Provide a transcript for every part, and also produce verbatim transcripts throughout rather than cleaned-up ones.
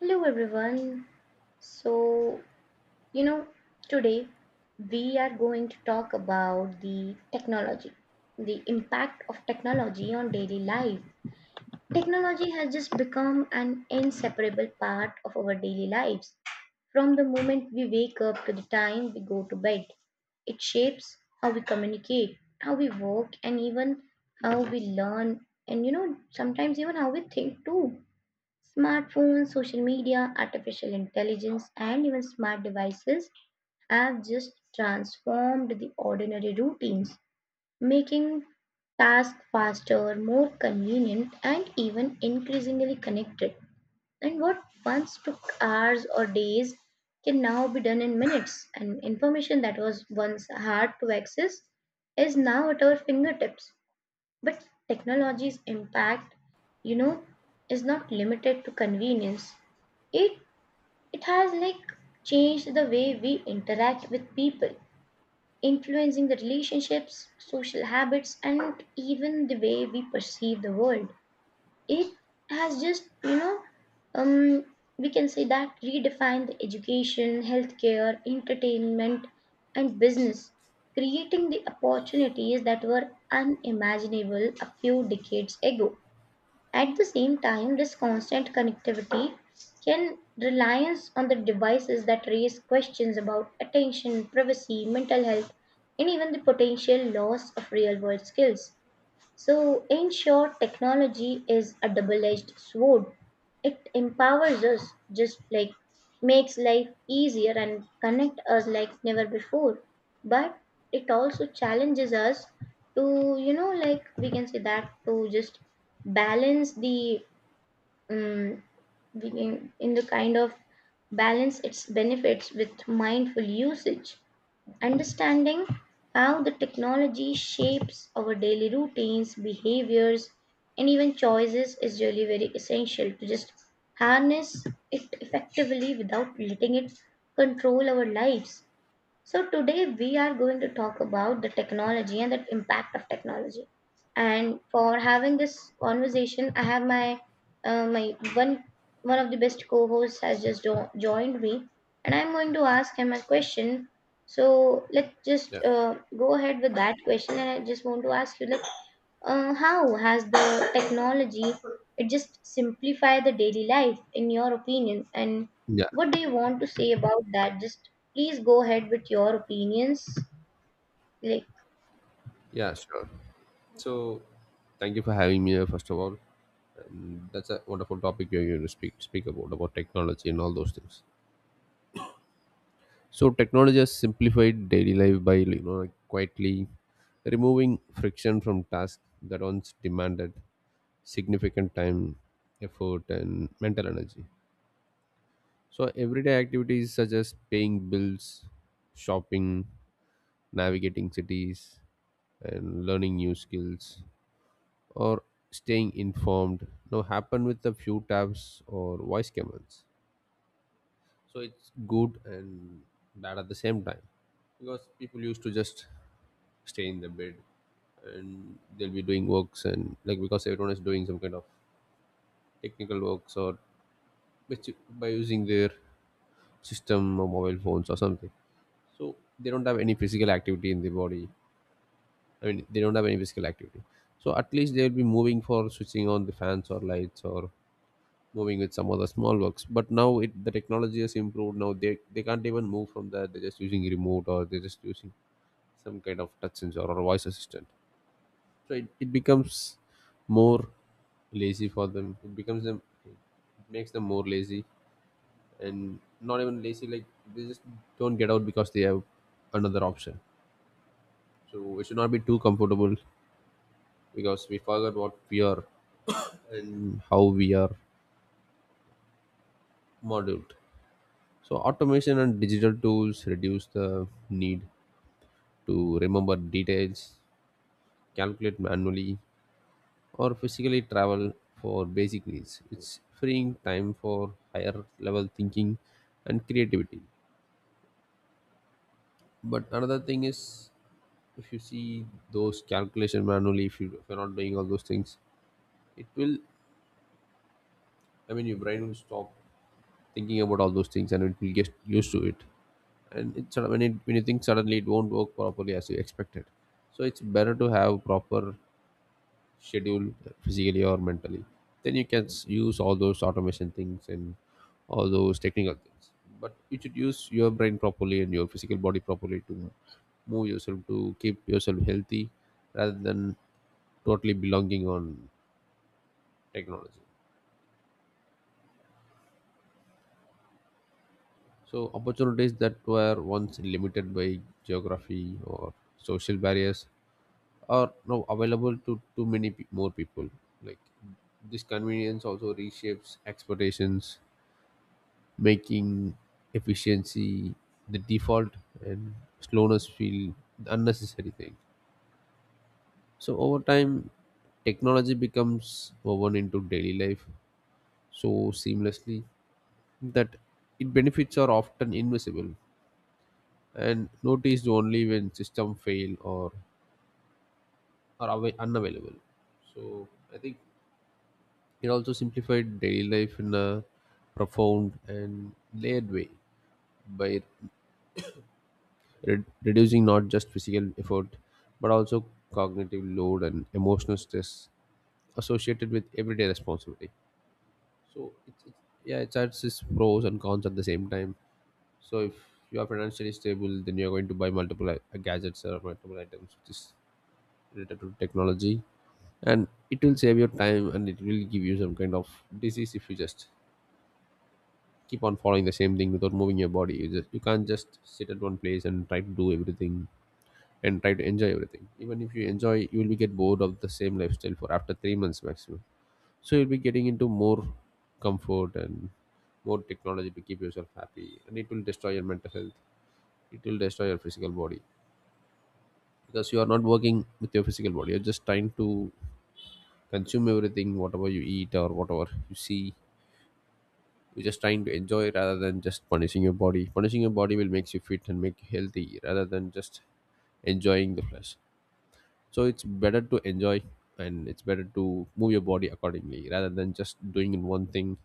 Hello everyone. So, you know, Today we are going to talk about the technology, the impact of technology on daily life. Technology has just become an inseparable part of our daily lives. From the moment we wake up to the time we go to bed, it shapes how we communicate, how we work, and even how we learn, and you know, sometimes even how we think too. Smartphones, social media, artificial intelligence, and even smart devices have just transformed the ordinary routines, making tasks faster, more convenient, and even increasingly connected. And what once took hours or days can now be done in minutes, and information that was once hard to access is now at our fingertips. But technology's impact, you know, is not limited to convenience. It it has like changed the way we interact with people, influencing the relationships, social habits, and even the way we perceive the world. It has just you know um, we can say that redefined the education, healthcare, entertainment, and business, creating the opportunities that were unimaginable a few decades ago. At the same time, this constant connectivity can reliance on the devices that raise questions about attention, privacy, mental health, and even the potential loss of real world skills. So, in short, technology is a double edged sword. It empowers us, just like makes life easier and connect us like never before. But it also challenges us to, you know, like we can say that to just balance the, um, we can, in the kind of balance its benefits with mindful usage. Understanding how the technology shapes our daily routines, behaviors, and even choices is really very essential to just harness it effectively without letting it control our lives. So today we are going to talk about the technology and the impact of technology. And for having this conversation, I have my uh, my one one of the best co-hosts has just jo- joined me, and I'm going to ask him a question. So let's Yeah. just uh, go ahead with that question, and I just want to ask you, like, uh, how has the technology it just simplify the daily life in your opinion, and Yeah. what do you want to say about that? Just please go ahead with your opinions, like Yeah, sure. So thank you for having me here, first of all. And that's a wonderful topic you're going to speak speak about about technology and all those things. So technology has simplified daily life by you know like quietly removing friction from tasks that once demanded significant time, effort, and mental energy. So everyday activities such as paying bills, shopping, navigating cities, and learning new skills or staying informed now happen with a few taps or voice commands, so it's good and bad at the same time, because people used to just stay in the bed and they'll be doing works, and like, because everyone is doing some kind of technical works or which- by using their system or mobile phones or something, so they don't have any physical activity in the body. I mean, they don't have any physical activity. So at least they'll be moving for switching on the fans or lights, or moving with some other small works, but now it the technology has improved, now they they can't even move from there, they're just using remote, or they're just using some kind of touch sensor or a voice assistant. So it, it becomes more lazy for them, it becomes them it makes them more lazy. And not even lazy, like they just don't get out because they have another option. So we should not be too comfortable, because we forgot what we are and how we are modeled. So automation and digital tools reduce the need to remember details, calculate manually, or physically travel for basic needs. It's freeing time for higher level thinking and creativity. But another thing is, if you see those calculation manually, if, you, if you're not doing all those things, it will, I mean, your brain will stop thinking about all those things and it will get used to it. And it sort of, when it when you think suddenly it won't work properly as you expected. So it's better to have proper schedule, uh, physically or mentally, then you can s- use all those automation things and all those technical things, but you should use your brain properly and your physical body properly to move yourself, to keep yourself healthy, rather than totally belonging on technology. So opportunities that were once limited by geography or social barriers are now available to too many pe- more people. Like, this convenience also reshapes expectations, making efficiency the default, and slowness feel the unnecessary thing. So over time, technology becomes woven into daily life so seamlessly that its benefits are often invisible and noticed only when system fail or are awa unavailable. So I think it also simplified daily life in a profound and layered way by re- reducing not just physical effort but also cognitive load and emotional stress associated with everyday responsibility. So, it's, it's, yeah, it adds its pros and cons at the same time. So, if you are financially stable, then you are going to buy multiple i- gadgets or multiple items which is related to technology, and it will save your time, and it will give you some kind of disease if you just keep on following the same thing without moving your body. You just, you can't just sit at one place and try to do everything and try to enjoy everything. Even if you enjoy, you will be get bored of the same lifestyle for after three months maximum. So you'll be getting into more comfort and more technology to keep yourself happy, and it will destroy your mental health, it will destroy your physical body, because you are not working with your physical body, you're just trying to consume everything, whatever you eat or whatever you see. You're just trying to enjoy rather than just punishing your body. Punishing your body will make you fit and make you healthy, rather than just enjoying the flesh. So it's better to enjoy, and it's better to move your body accordingly, rather than just doing in one thing.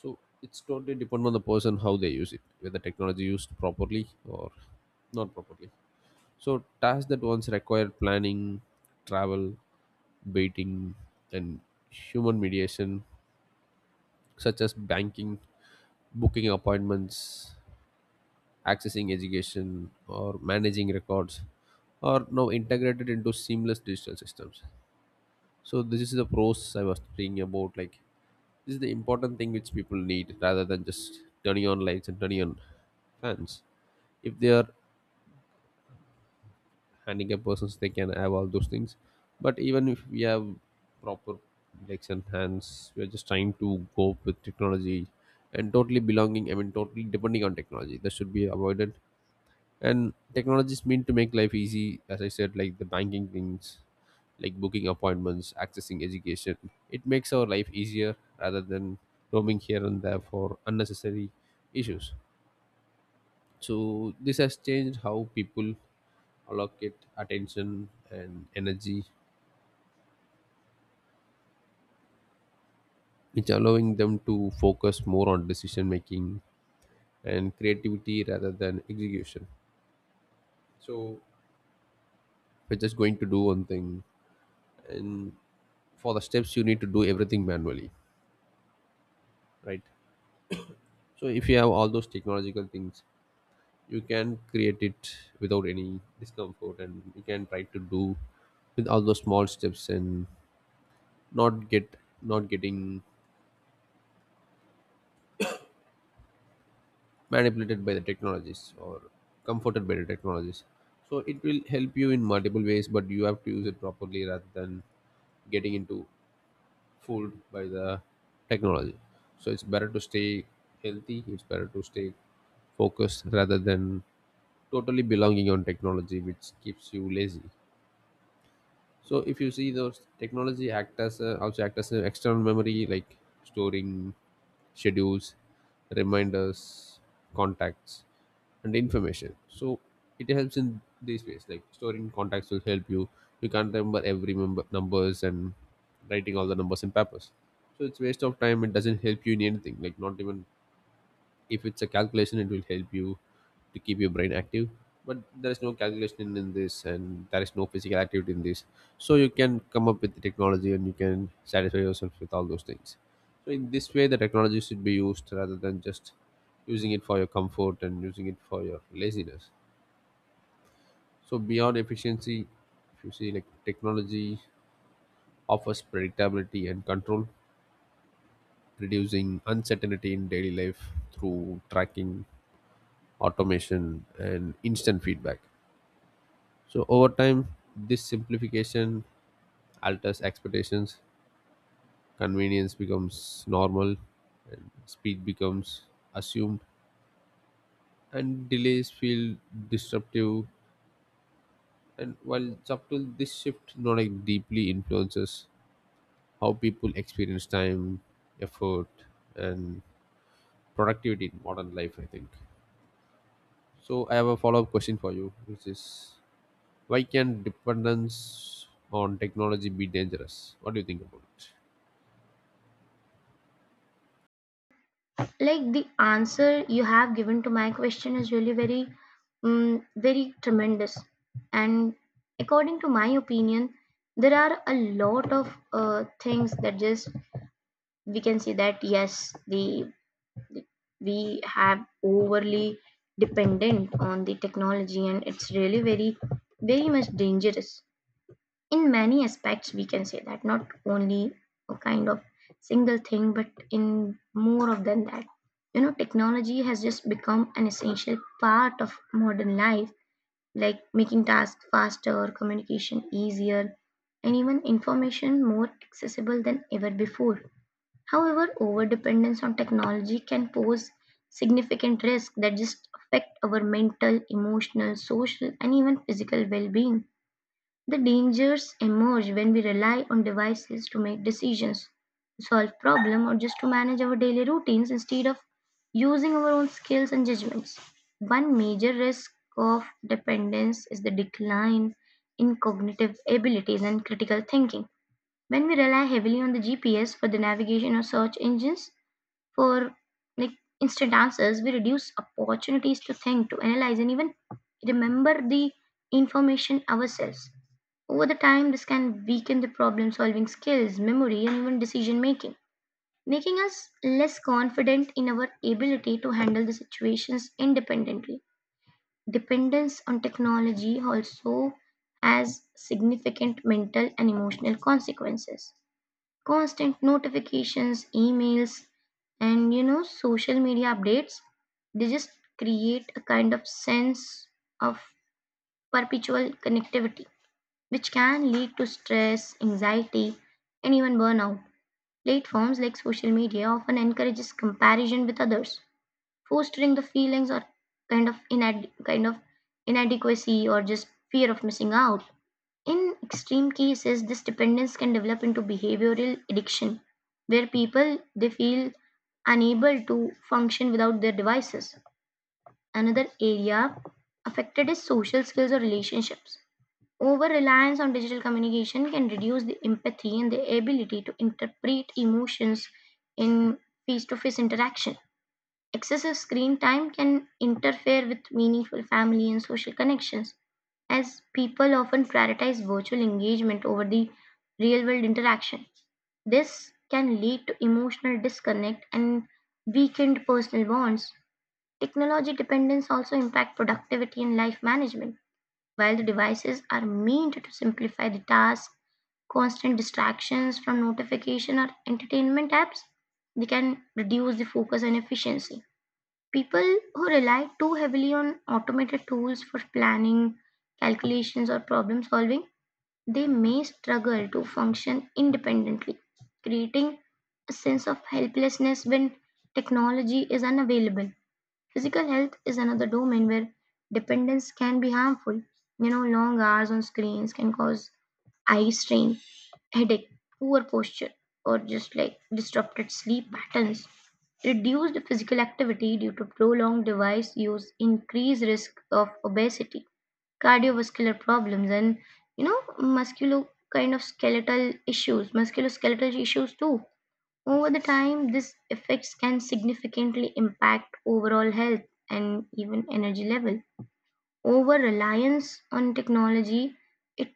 So it's totally depend on the person, how they use it, whether technology used properly or not properly. So tasks that once required planning, travel, baiting, and human mediation, such as banking, booking appointments, accessing education, or managing records, are now integrated into seamless digital systems. So this is the pros I was speaking about. Like, this is the important thing which people need, rather than just turning on lights and turning on fans. If they are handicapped persons, they can have all those things. But even if we have proper legs and hands, we are just trying to go with technology, and totally belonging, I mean, totally depending on technology, that should be avoided. And technologies mean to make life easy, as I said, like the banking things, like booking appointments, accessing education. It makes our life easier, rather than roaming here and there for unnecessary issues. So this has changed how people allocate attention and energy, which allowing them to focus more on decision making and creativity rather than execution. So we're just going to do one thing, and for the steps you need to do everything manually, right? So if you have all those technological things, you can create it without any discomfort, and you can try to do with all those small steps, and not get not getting manipulated by the technologies or comforted by the technologies. So it will help you in multiple ways, but you have to use it properly, rather than getting into fooled by the technology. So it's better to stay healthy, it's better to stay focused, rather than totally belonging on technology which keeps you lazy. So if you see, those technology act as a, also act as an external memory, like storing schedules, reminders, contacts, and information. So it helps in these ways, like storing contacts will help you. You can't remember every member numbers, and writing all the numbers in papers, so it's waste of time. It doesn't help you in anything. Like, not even if it's a calculation, it will help you to keep your brain active. But there is no calculation in, in this, and there is no physical activity in this. So you can come up with the technology, and you can satisfy yourself with all those things. So in this way, the technology should be used, rather than just using it for your comfort and using it for your laziness. So beyond efficiency, if you see, like, technology offers predictability and control, reducing uncertainty in daily life through tracking, automation, and instant feedback. So over time, this simplification alters expectations, convenience becomes normal, and speed becomes assumed, and delays feel disruptive. And while subtle, this shift not like deeply influences how people experience time, effort, and productivity in modern life. I think. So I have a follow-up question for you, which is, why can dependence on technology be dangerous? What do you think about it? like the answer you have given to my question is really very um, very tremendous. And according to my opinion, there are a lot of uh, things that just we can see that yes, the we have overly dependent on the technology, and it's really very very much dangerous in many aspects. We can say that not only a kind of single thing but in more of than that, you know, technology has just become an essential part of modern life, like making tasks faster, communication easier, and even information more accessible than ever before. However, overdependence on technology can pose significant risks that just affect our mental, emotional, social, and even physical well being. The dangers emerge when we rely on devices to make decisions, to solve problems, or just to manage our daily routines instead of using our own skills and judgments. One major risk of dependence is the decline in cognitive abilities and critical thinking. When we rely heavily on the G P S for the navigation or search engines for like instant answers, we reduce opportunities to think, to analyze, and even remember the information ourselves. Over the time, this can weaken the problem solving skills, memory, and even decision making, making us less confident in our ability to handle the situations independently. Dependence on technology also has significant mental and emotional consequences. Constant notifications, emails, and you know, social media updates, they just create a kind of sense of perpetual connectivity, which can lead to stress, anxiety, and even burnout. Platforms like social media often encourages comparison with others, fostering the feelings or kind of inad- kind of inadequacy or just fear of missing out. In extreme cases, this dependence can develop into behavioral addiction, where people they feel unable to function without their devices. Another area affected is social skills or relationships. Over reliance on digital communication can reduce the empathy and the ability to interpret emotions in face to face interaction. Excessive screen time can interfere with meaningful family and social connections, as people often prioritize virtual engagement over the real world interaction. This can lead to emotional disconnect and weakened personal bonds. Technology dependence also impacts productivity and life management. While the devices are meant to simplify the task, constant distractions from notification or entertainment apps, they can reduce the focus and efficiency. People who rely too heavily on automated tools for planning, calculations, or problem solving, they may struggle to function independently, creating a sense of helplessness when technology is unavailable. Physical health is another domain where dependence can be harmful. You know, long hours on screens can cause eye strain, headache, poor posture, or just like disrupted sleep patterns. Reduced physical activity due to prolonged device use increase risk of obesity, cardiovascular problems, and you know musculo kind of skeletal issues, musculoskeletal issues too. Over the time, these effects can significantly impact overall health and even energy level. Over reliance on technology, it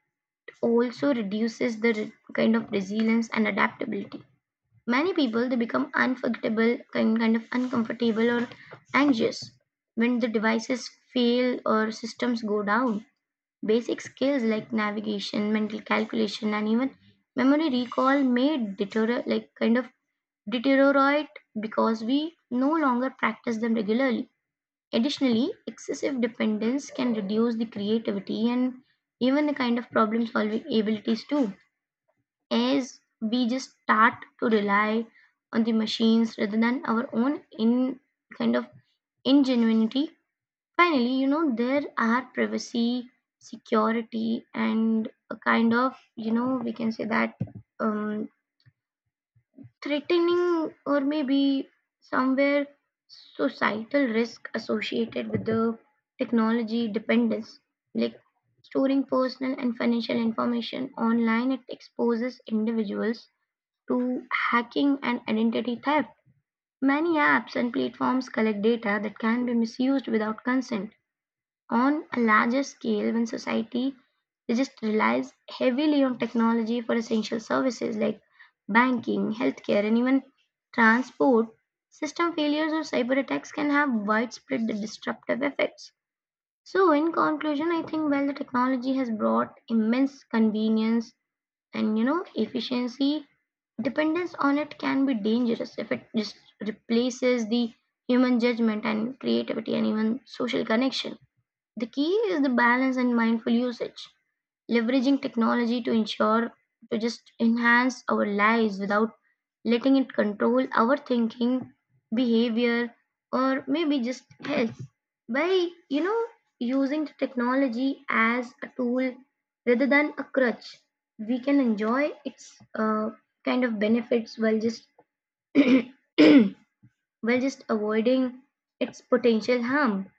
also reduces the re- kind of resilience and adaptability. Many people they become unforgettable, kind kind of uncomfortable or anxious when the devices fail or systems go down. Basic skills like navigation, mental calculation, and even memory recall may deteriorate, like kind of deteriorate because we no longer practice them regularly. Additionally, excessive dependence can reduce the creativity and even the kind of problem solving abilities too, as we just start to rely on the machines rather than our own in kind of ingenuity. Finally, you know, there are privacy, security, and a kind of, you know, we can say that um, threatening or maybe somewhere societal risk associated with the technology dependence, like storing personal and financial information online. It exposes individuals to hacking and identity theft. Many apps and platforms collect data that can be misused without consent. On a larger scale, when society they just relies heavily on technology for essential services like banking, healthcare, and even transport, system failures or cyber attacks can have widespread disruptive effects. So, in conclusion, I think while the technology has brought immense convenience and you know efficiency, dependence on it can be dangerous if it just replaces the human judgment and creativity and even social connection. The key is the balance and mindful usage, leveraging technology to ensure to just enhance our lives without letting it control our thinking, behavior, or maybe just health. By you know using the technology as a tool rather than a crutch, we can enjoy its uh, kind of benefits while just while just avoiding its potential harm.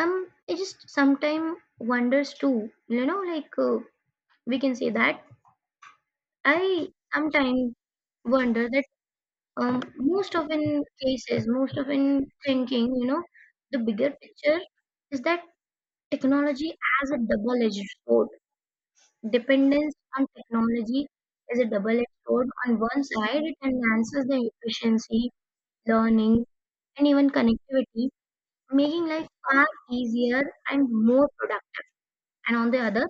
Um I just sometimes wonders too you know like uh, we can say that I sometimes wonder that, um, most of in cases, most of in thinking, you know, the bigger picture is that technology as a double-edged sword. Dependence on technology is a double-edged sword. On one side, it enhances the efficiency, learning, and even connectivity, making life far easier and more productive. And on the other,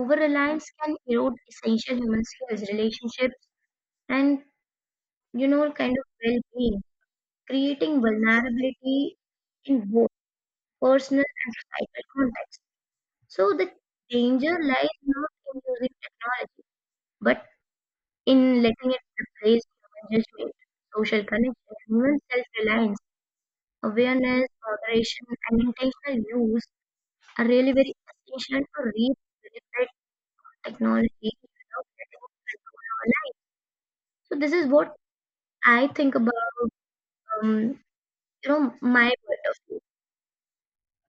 over-reliance can erode essential human skills, relationships, and you know, kind of well-being, creating vulnerability in both personal and societal contexts. So the danger lies not in using technology, but in letting it replace human judgment, social connection, and even self-reliance. Awareness, moderation, and intentional use are really very essential to reach benefit of technology without letting it control our lives. So this is what I think about, um, you know, my butterfly,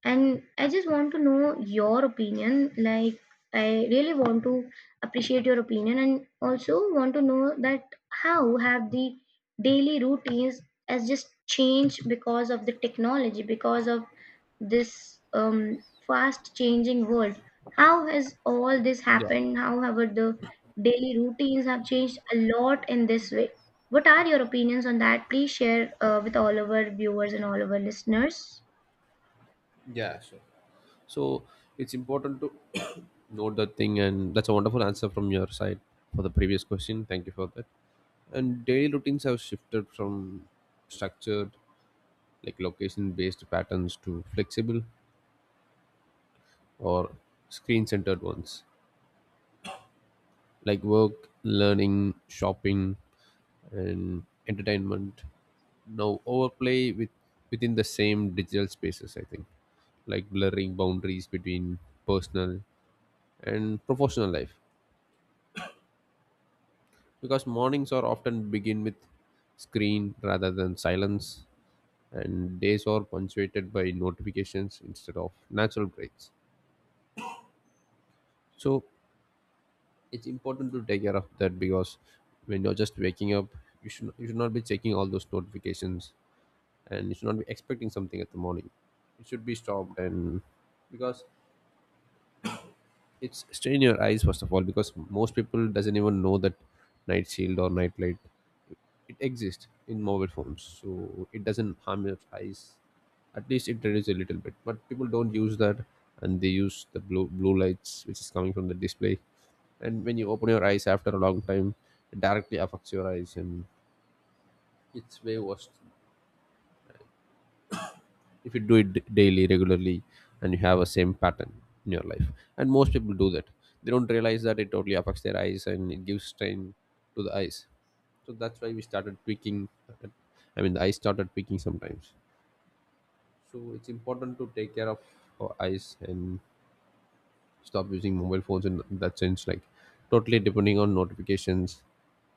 and I just want to know your opinion. Like, I really want to appreciate your opinion, and also want to know that how have the daily routines has just changed because of the technology, because of this um, fast changing world. How has all this Yeah, happened? How have the daily routines have changed a lot in this way. What are your opinions on that? Please share uh, with all of our viewers and all of our listeners. yeah, sure. So it's important to note that thing, and that's a wonderful answer from your side for the previous question. Thank you for that. And daily routines have shifted from structured, like location based patterns, to flexible or screen centered ones, like work, learning, shopping, and entertainment now overplay with within the same digital spaces, I think. Like, blurring boundaries between personal and professional life, because mornings are often begin with screen rather than silence, and days are punctuated by notifications instead of natural breaks. So it's important to take care of that, because when you're just waking up, you should you should not be checking all those notifications, and you should not be expecting something at the morning. It should be stopped. And because it's strain your eyes first of all, because most people doesn't even know that night shield or night light, it exists in mobile phones, so it doesn't harm your eyes. At least it reduces a little bit, but people don't use that, and they use the blue blue lights which is coming from the display. And when you open your eyes after a long time, it directly affects your eyes, and it's way worse if you do it d- daily regularly, and you have a same pattern in your life. And most people do that. They don't realize that it totally affects their eyes, and it gives strain to the eyes. So that's why we started tweaking, I mean the eyes started tweaking sometimes. So it's important to take care of our eyes and stop using mobile phones in that sense, like totally depending on notifications.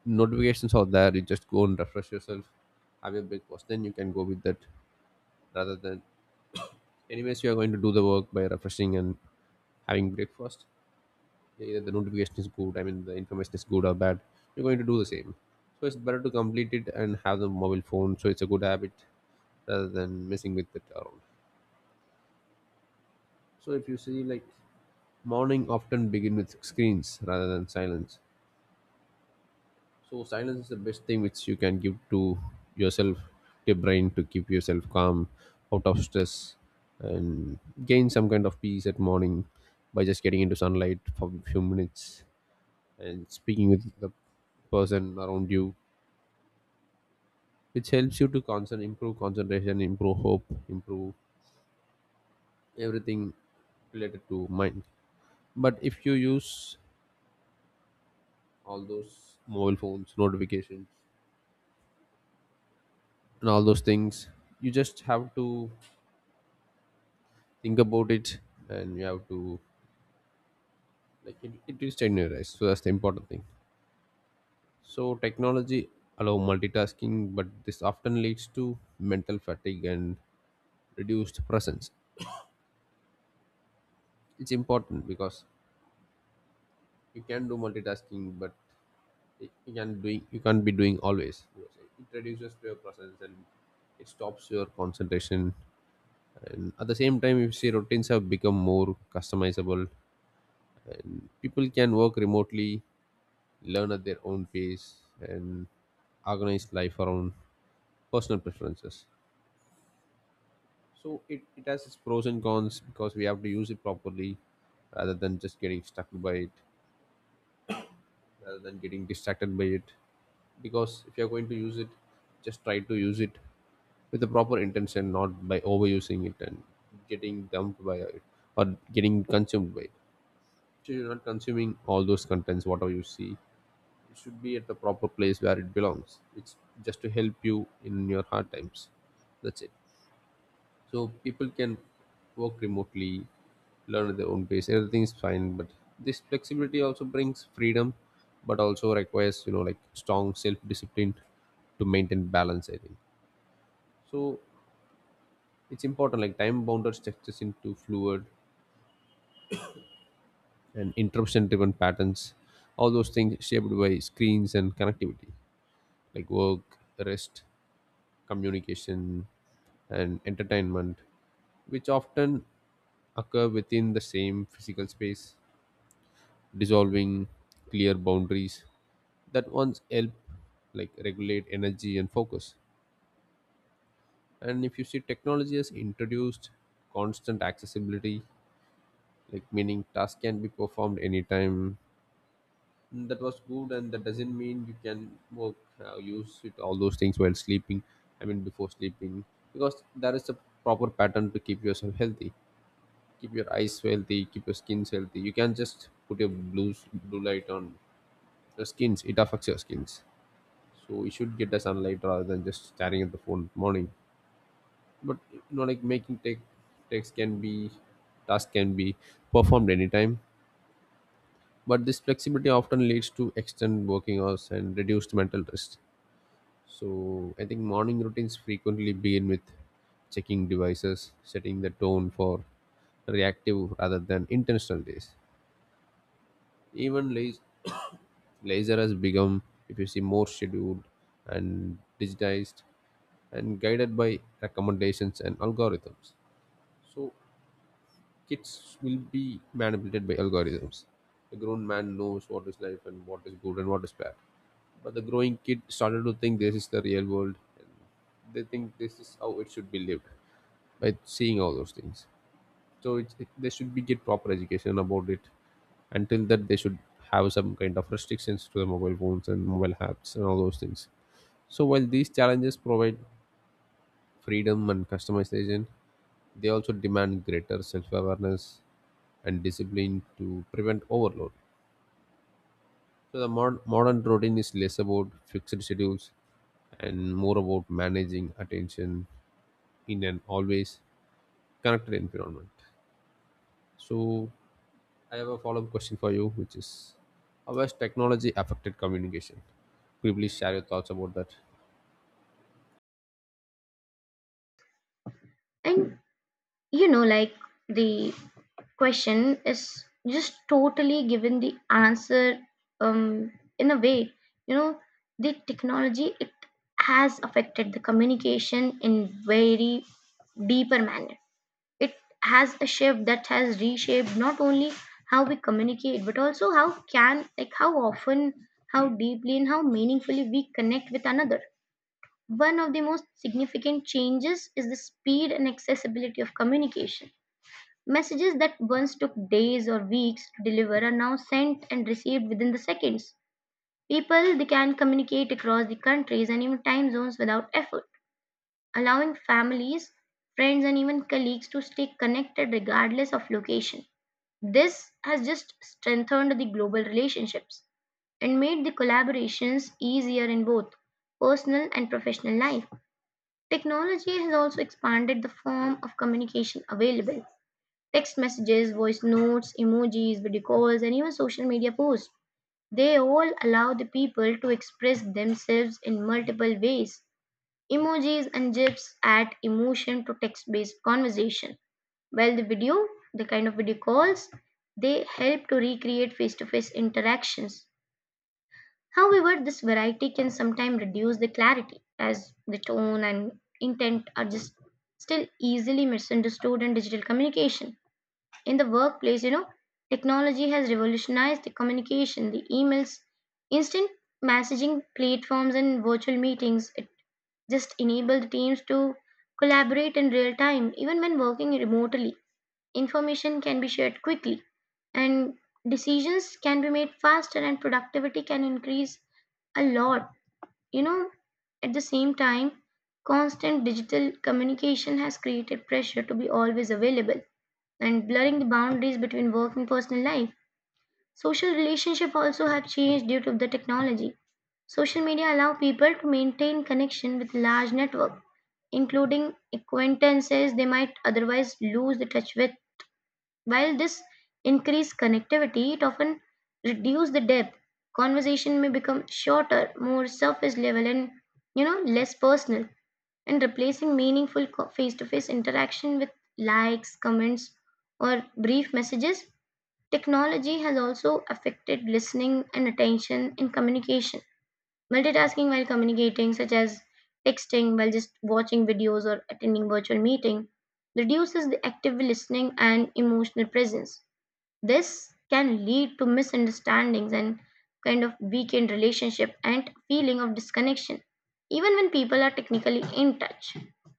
Notifications are there, you just go and refresh yourself, have your breakfast, then you can go with that, rather than, anyways you are going to do the work by refreshing and having breakfast. Yeah, either the notification is good, I mean the information is good or bad, you're going to do the same. So it's better to complete it and Have the mobile phone, so it's a good habit rather than messing with it around. So if you see, like morning often begin with screens rather than silence. So silence is the best thing which you can give to yourself, your brain, to keep yourself calm, out of stress, and gain some kind of peace at morning by just getting into sunlight for a few minutes and speaking with the person around you, which helps you to concern, improve concentration, improve hope, improve everything related to mind. But if you use all those mobile phones notifications and all those things, you just have to think about it, and you have to like it, it will strain your eyes, so that's the important thing. So technology allow multitasking, but this often leads to mental fatigue and reduced presence. It's important because you can do multitasking, but it- you can doing you can't be doing always. It reduces your presence and it stops your concentration. And at the same time, you see routines have become more customizable, and people can work remotely, learn at their own pace, and organize life around personal preferences. So it, it has its pros and cons, because we have to use it properly rather than just getting stuck by it, rather than getting distracted by it. Because if you're going to use it, just try to use it with the proper intention, not by overusing it and getting dumped by it, or getting consumed by it. So you're not consuming all those contents. Whatever you see, it should be at the proper place where it belongs. It's just to help you in your hard times, that's it. So people can work remotely, learn at their own pace. Everything is fine, but this flexibility also brings freedom, but also requires, you know like, strong self discipline to maintain balance. I think so. It's important, like, time bounded structures into fluid and interruption driven patterns. All those things shaped by screens and connectivity, like work, rest, communication, and entertainment, which often occur within the same physical space, dissolving clear boundaries that once help like regulate energy and focus. And if you see, technology has introduced constant accessibility, like meaning tasks can be performed anytime. Mm, that was good, and that doesn't mean you can work, uh, use it, all those things, while sleeping, I mean before sleeping, because there is a proper pattern to keep yourself healthy, keep your eyes healthy, keep your skins healthy. You can't just put your blues blue light on your skins, it affects your skins. So we should get the sunlight rather than just staring at the phone morning. But you know, like, making tech text can be, task can be performed anytime, but this flexibility often leads to extended working hours and reduced mental rest. So I think morning routines frequently begin with checking devices, setting the tone for reactive rather than intentional days. Even laz- laser has become, if you see, more scheduled and digitized, and guided by recommendations and algorithms. So kids will be manipulated by algorithms. The grown man knows what is life and what is good and what is bad. But the growing kid started to think this is the real world, and they think this is how it should be lived by seeing all those things. So it's, it, they should be get proper education about it. Until that, they should have some kind of restrictions to the mobile phones and mobile apps and all those things. So while these challenges provide freedom and customization, they also demand greater self awareness and discipline to prevent overload. So the mod- modern routine is less about fixed schedules and more about managing attention in an always connected environment. So, I have a follow up question for you, which is, how has technology affected communication? Could you please share your thoughts about that? And you know, like the question is just totally given the answer, um, in a way. You know, the technology it has affected the communication in very deeper manner. It has a shift that has reshaped not only how we communicate, but also how can, like, how often, how deeply, and how meaningfully we connect with another. One of the most significant changes is the speed and accessibility of communication. Messages that once took days or weeks to deliver are now sent and received within the seconds. People they can communicate across the countries and even time zones without effort, allowing families, friends, and even colleagues to stay connected regardless of location. This has just strengthened the global relationships and made the collaborations easier in both personal and professional life. Technology has also expanded the form of communication available. Text messages, voice notes, emojis, video calls, and even social media posts. They all allow the people to express themselves in multiple ways. Emojis and gifs add emotion to text-based conversation. While the video, the kind of video calls, they help to recreate face-to-face interactions. However, this variety can sometimes reduce the clarity as the tone and intent are just still easily misunderstood in digital communication. In the workplace, you know, technology has revolutionized the communication, the emails, instant messaging platforms and virtual meetings. It just enable the teams to collaborate in real time even when working remotely. Information can be shared quickly and decisions can be made faster and productivity can increase a lot. You know, at the same time, constant digital communication has created pressure to be always available and blurring the boundaries between work and personal life. Social relationships also have changed due to the technology. Social media allow people to maintain connection with large network, including acquaintances they might otherwise lose the touch with. While this increased connectivity, it often reduces the depth. Conversation may become shorter, more surface level, and you know less personal, and replacing meaningful co- face-to-face interaction with likes, comments, or brief messages. Technology has also affected listening and attention in communication. Multitasking while communicating, such as texting while just watching videos or attending virtual meeting, reduces the active listening and emotional presence. This can lead to misunderstandings and kind of weakened relationship and feeling of disconnection, even when people are technically in touch.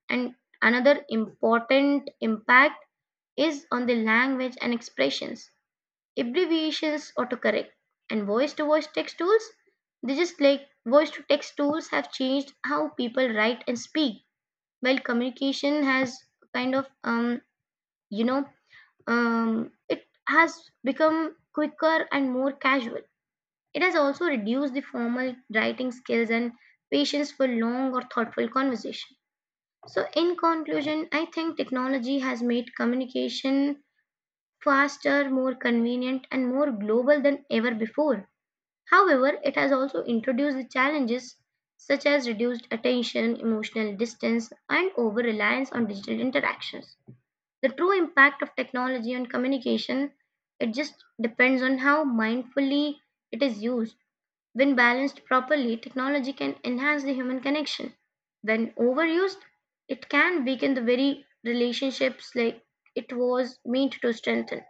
And another important impact is on the language and expressions, abbreviations, autocorrect, and voice to voice text tools. They just like voice to text tools have changed how people write and speak. While communication has kind of, um, you know, um, it has become quicker and more casual. It has also reduced the formal writing skills and patience for long or thoughtful conversation. So, in conclusion, I think technology has made communication faster, more convenient, and more global than ever before. However, it has also introduced challenges such as reduced attention, emotional distance, and over reliance on digital interactions. The true impact of technology on communication, it just depends on how mindfully it is used. When balanced properly, technology can enhance the human connection. When overused, it can weaken the very relationships like it was meant to strengthen.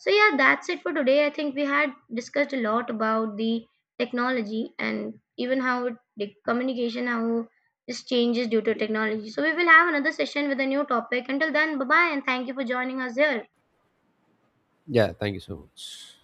So yeah, that's it for today. I think we had discussed a lot about the technology and even how it, the communication how this changes due to technology. So we will have another session with a new topic. Until then, bye bye and thank you for joining us here. Yeah, thank you so much.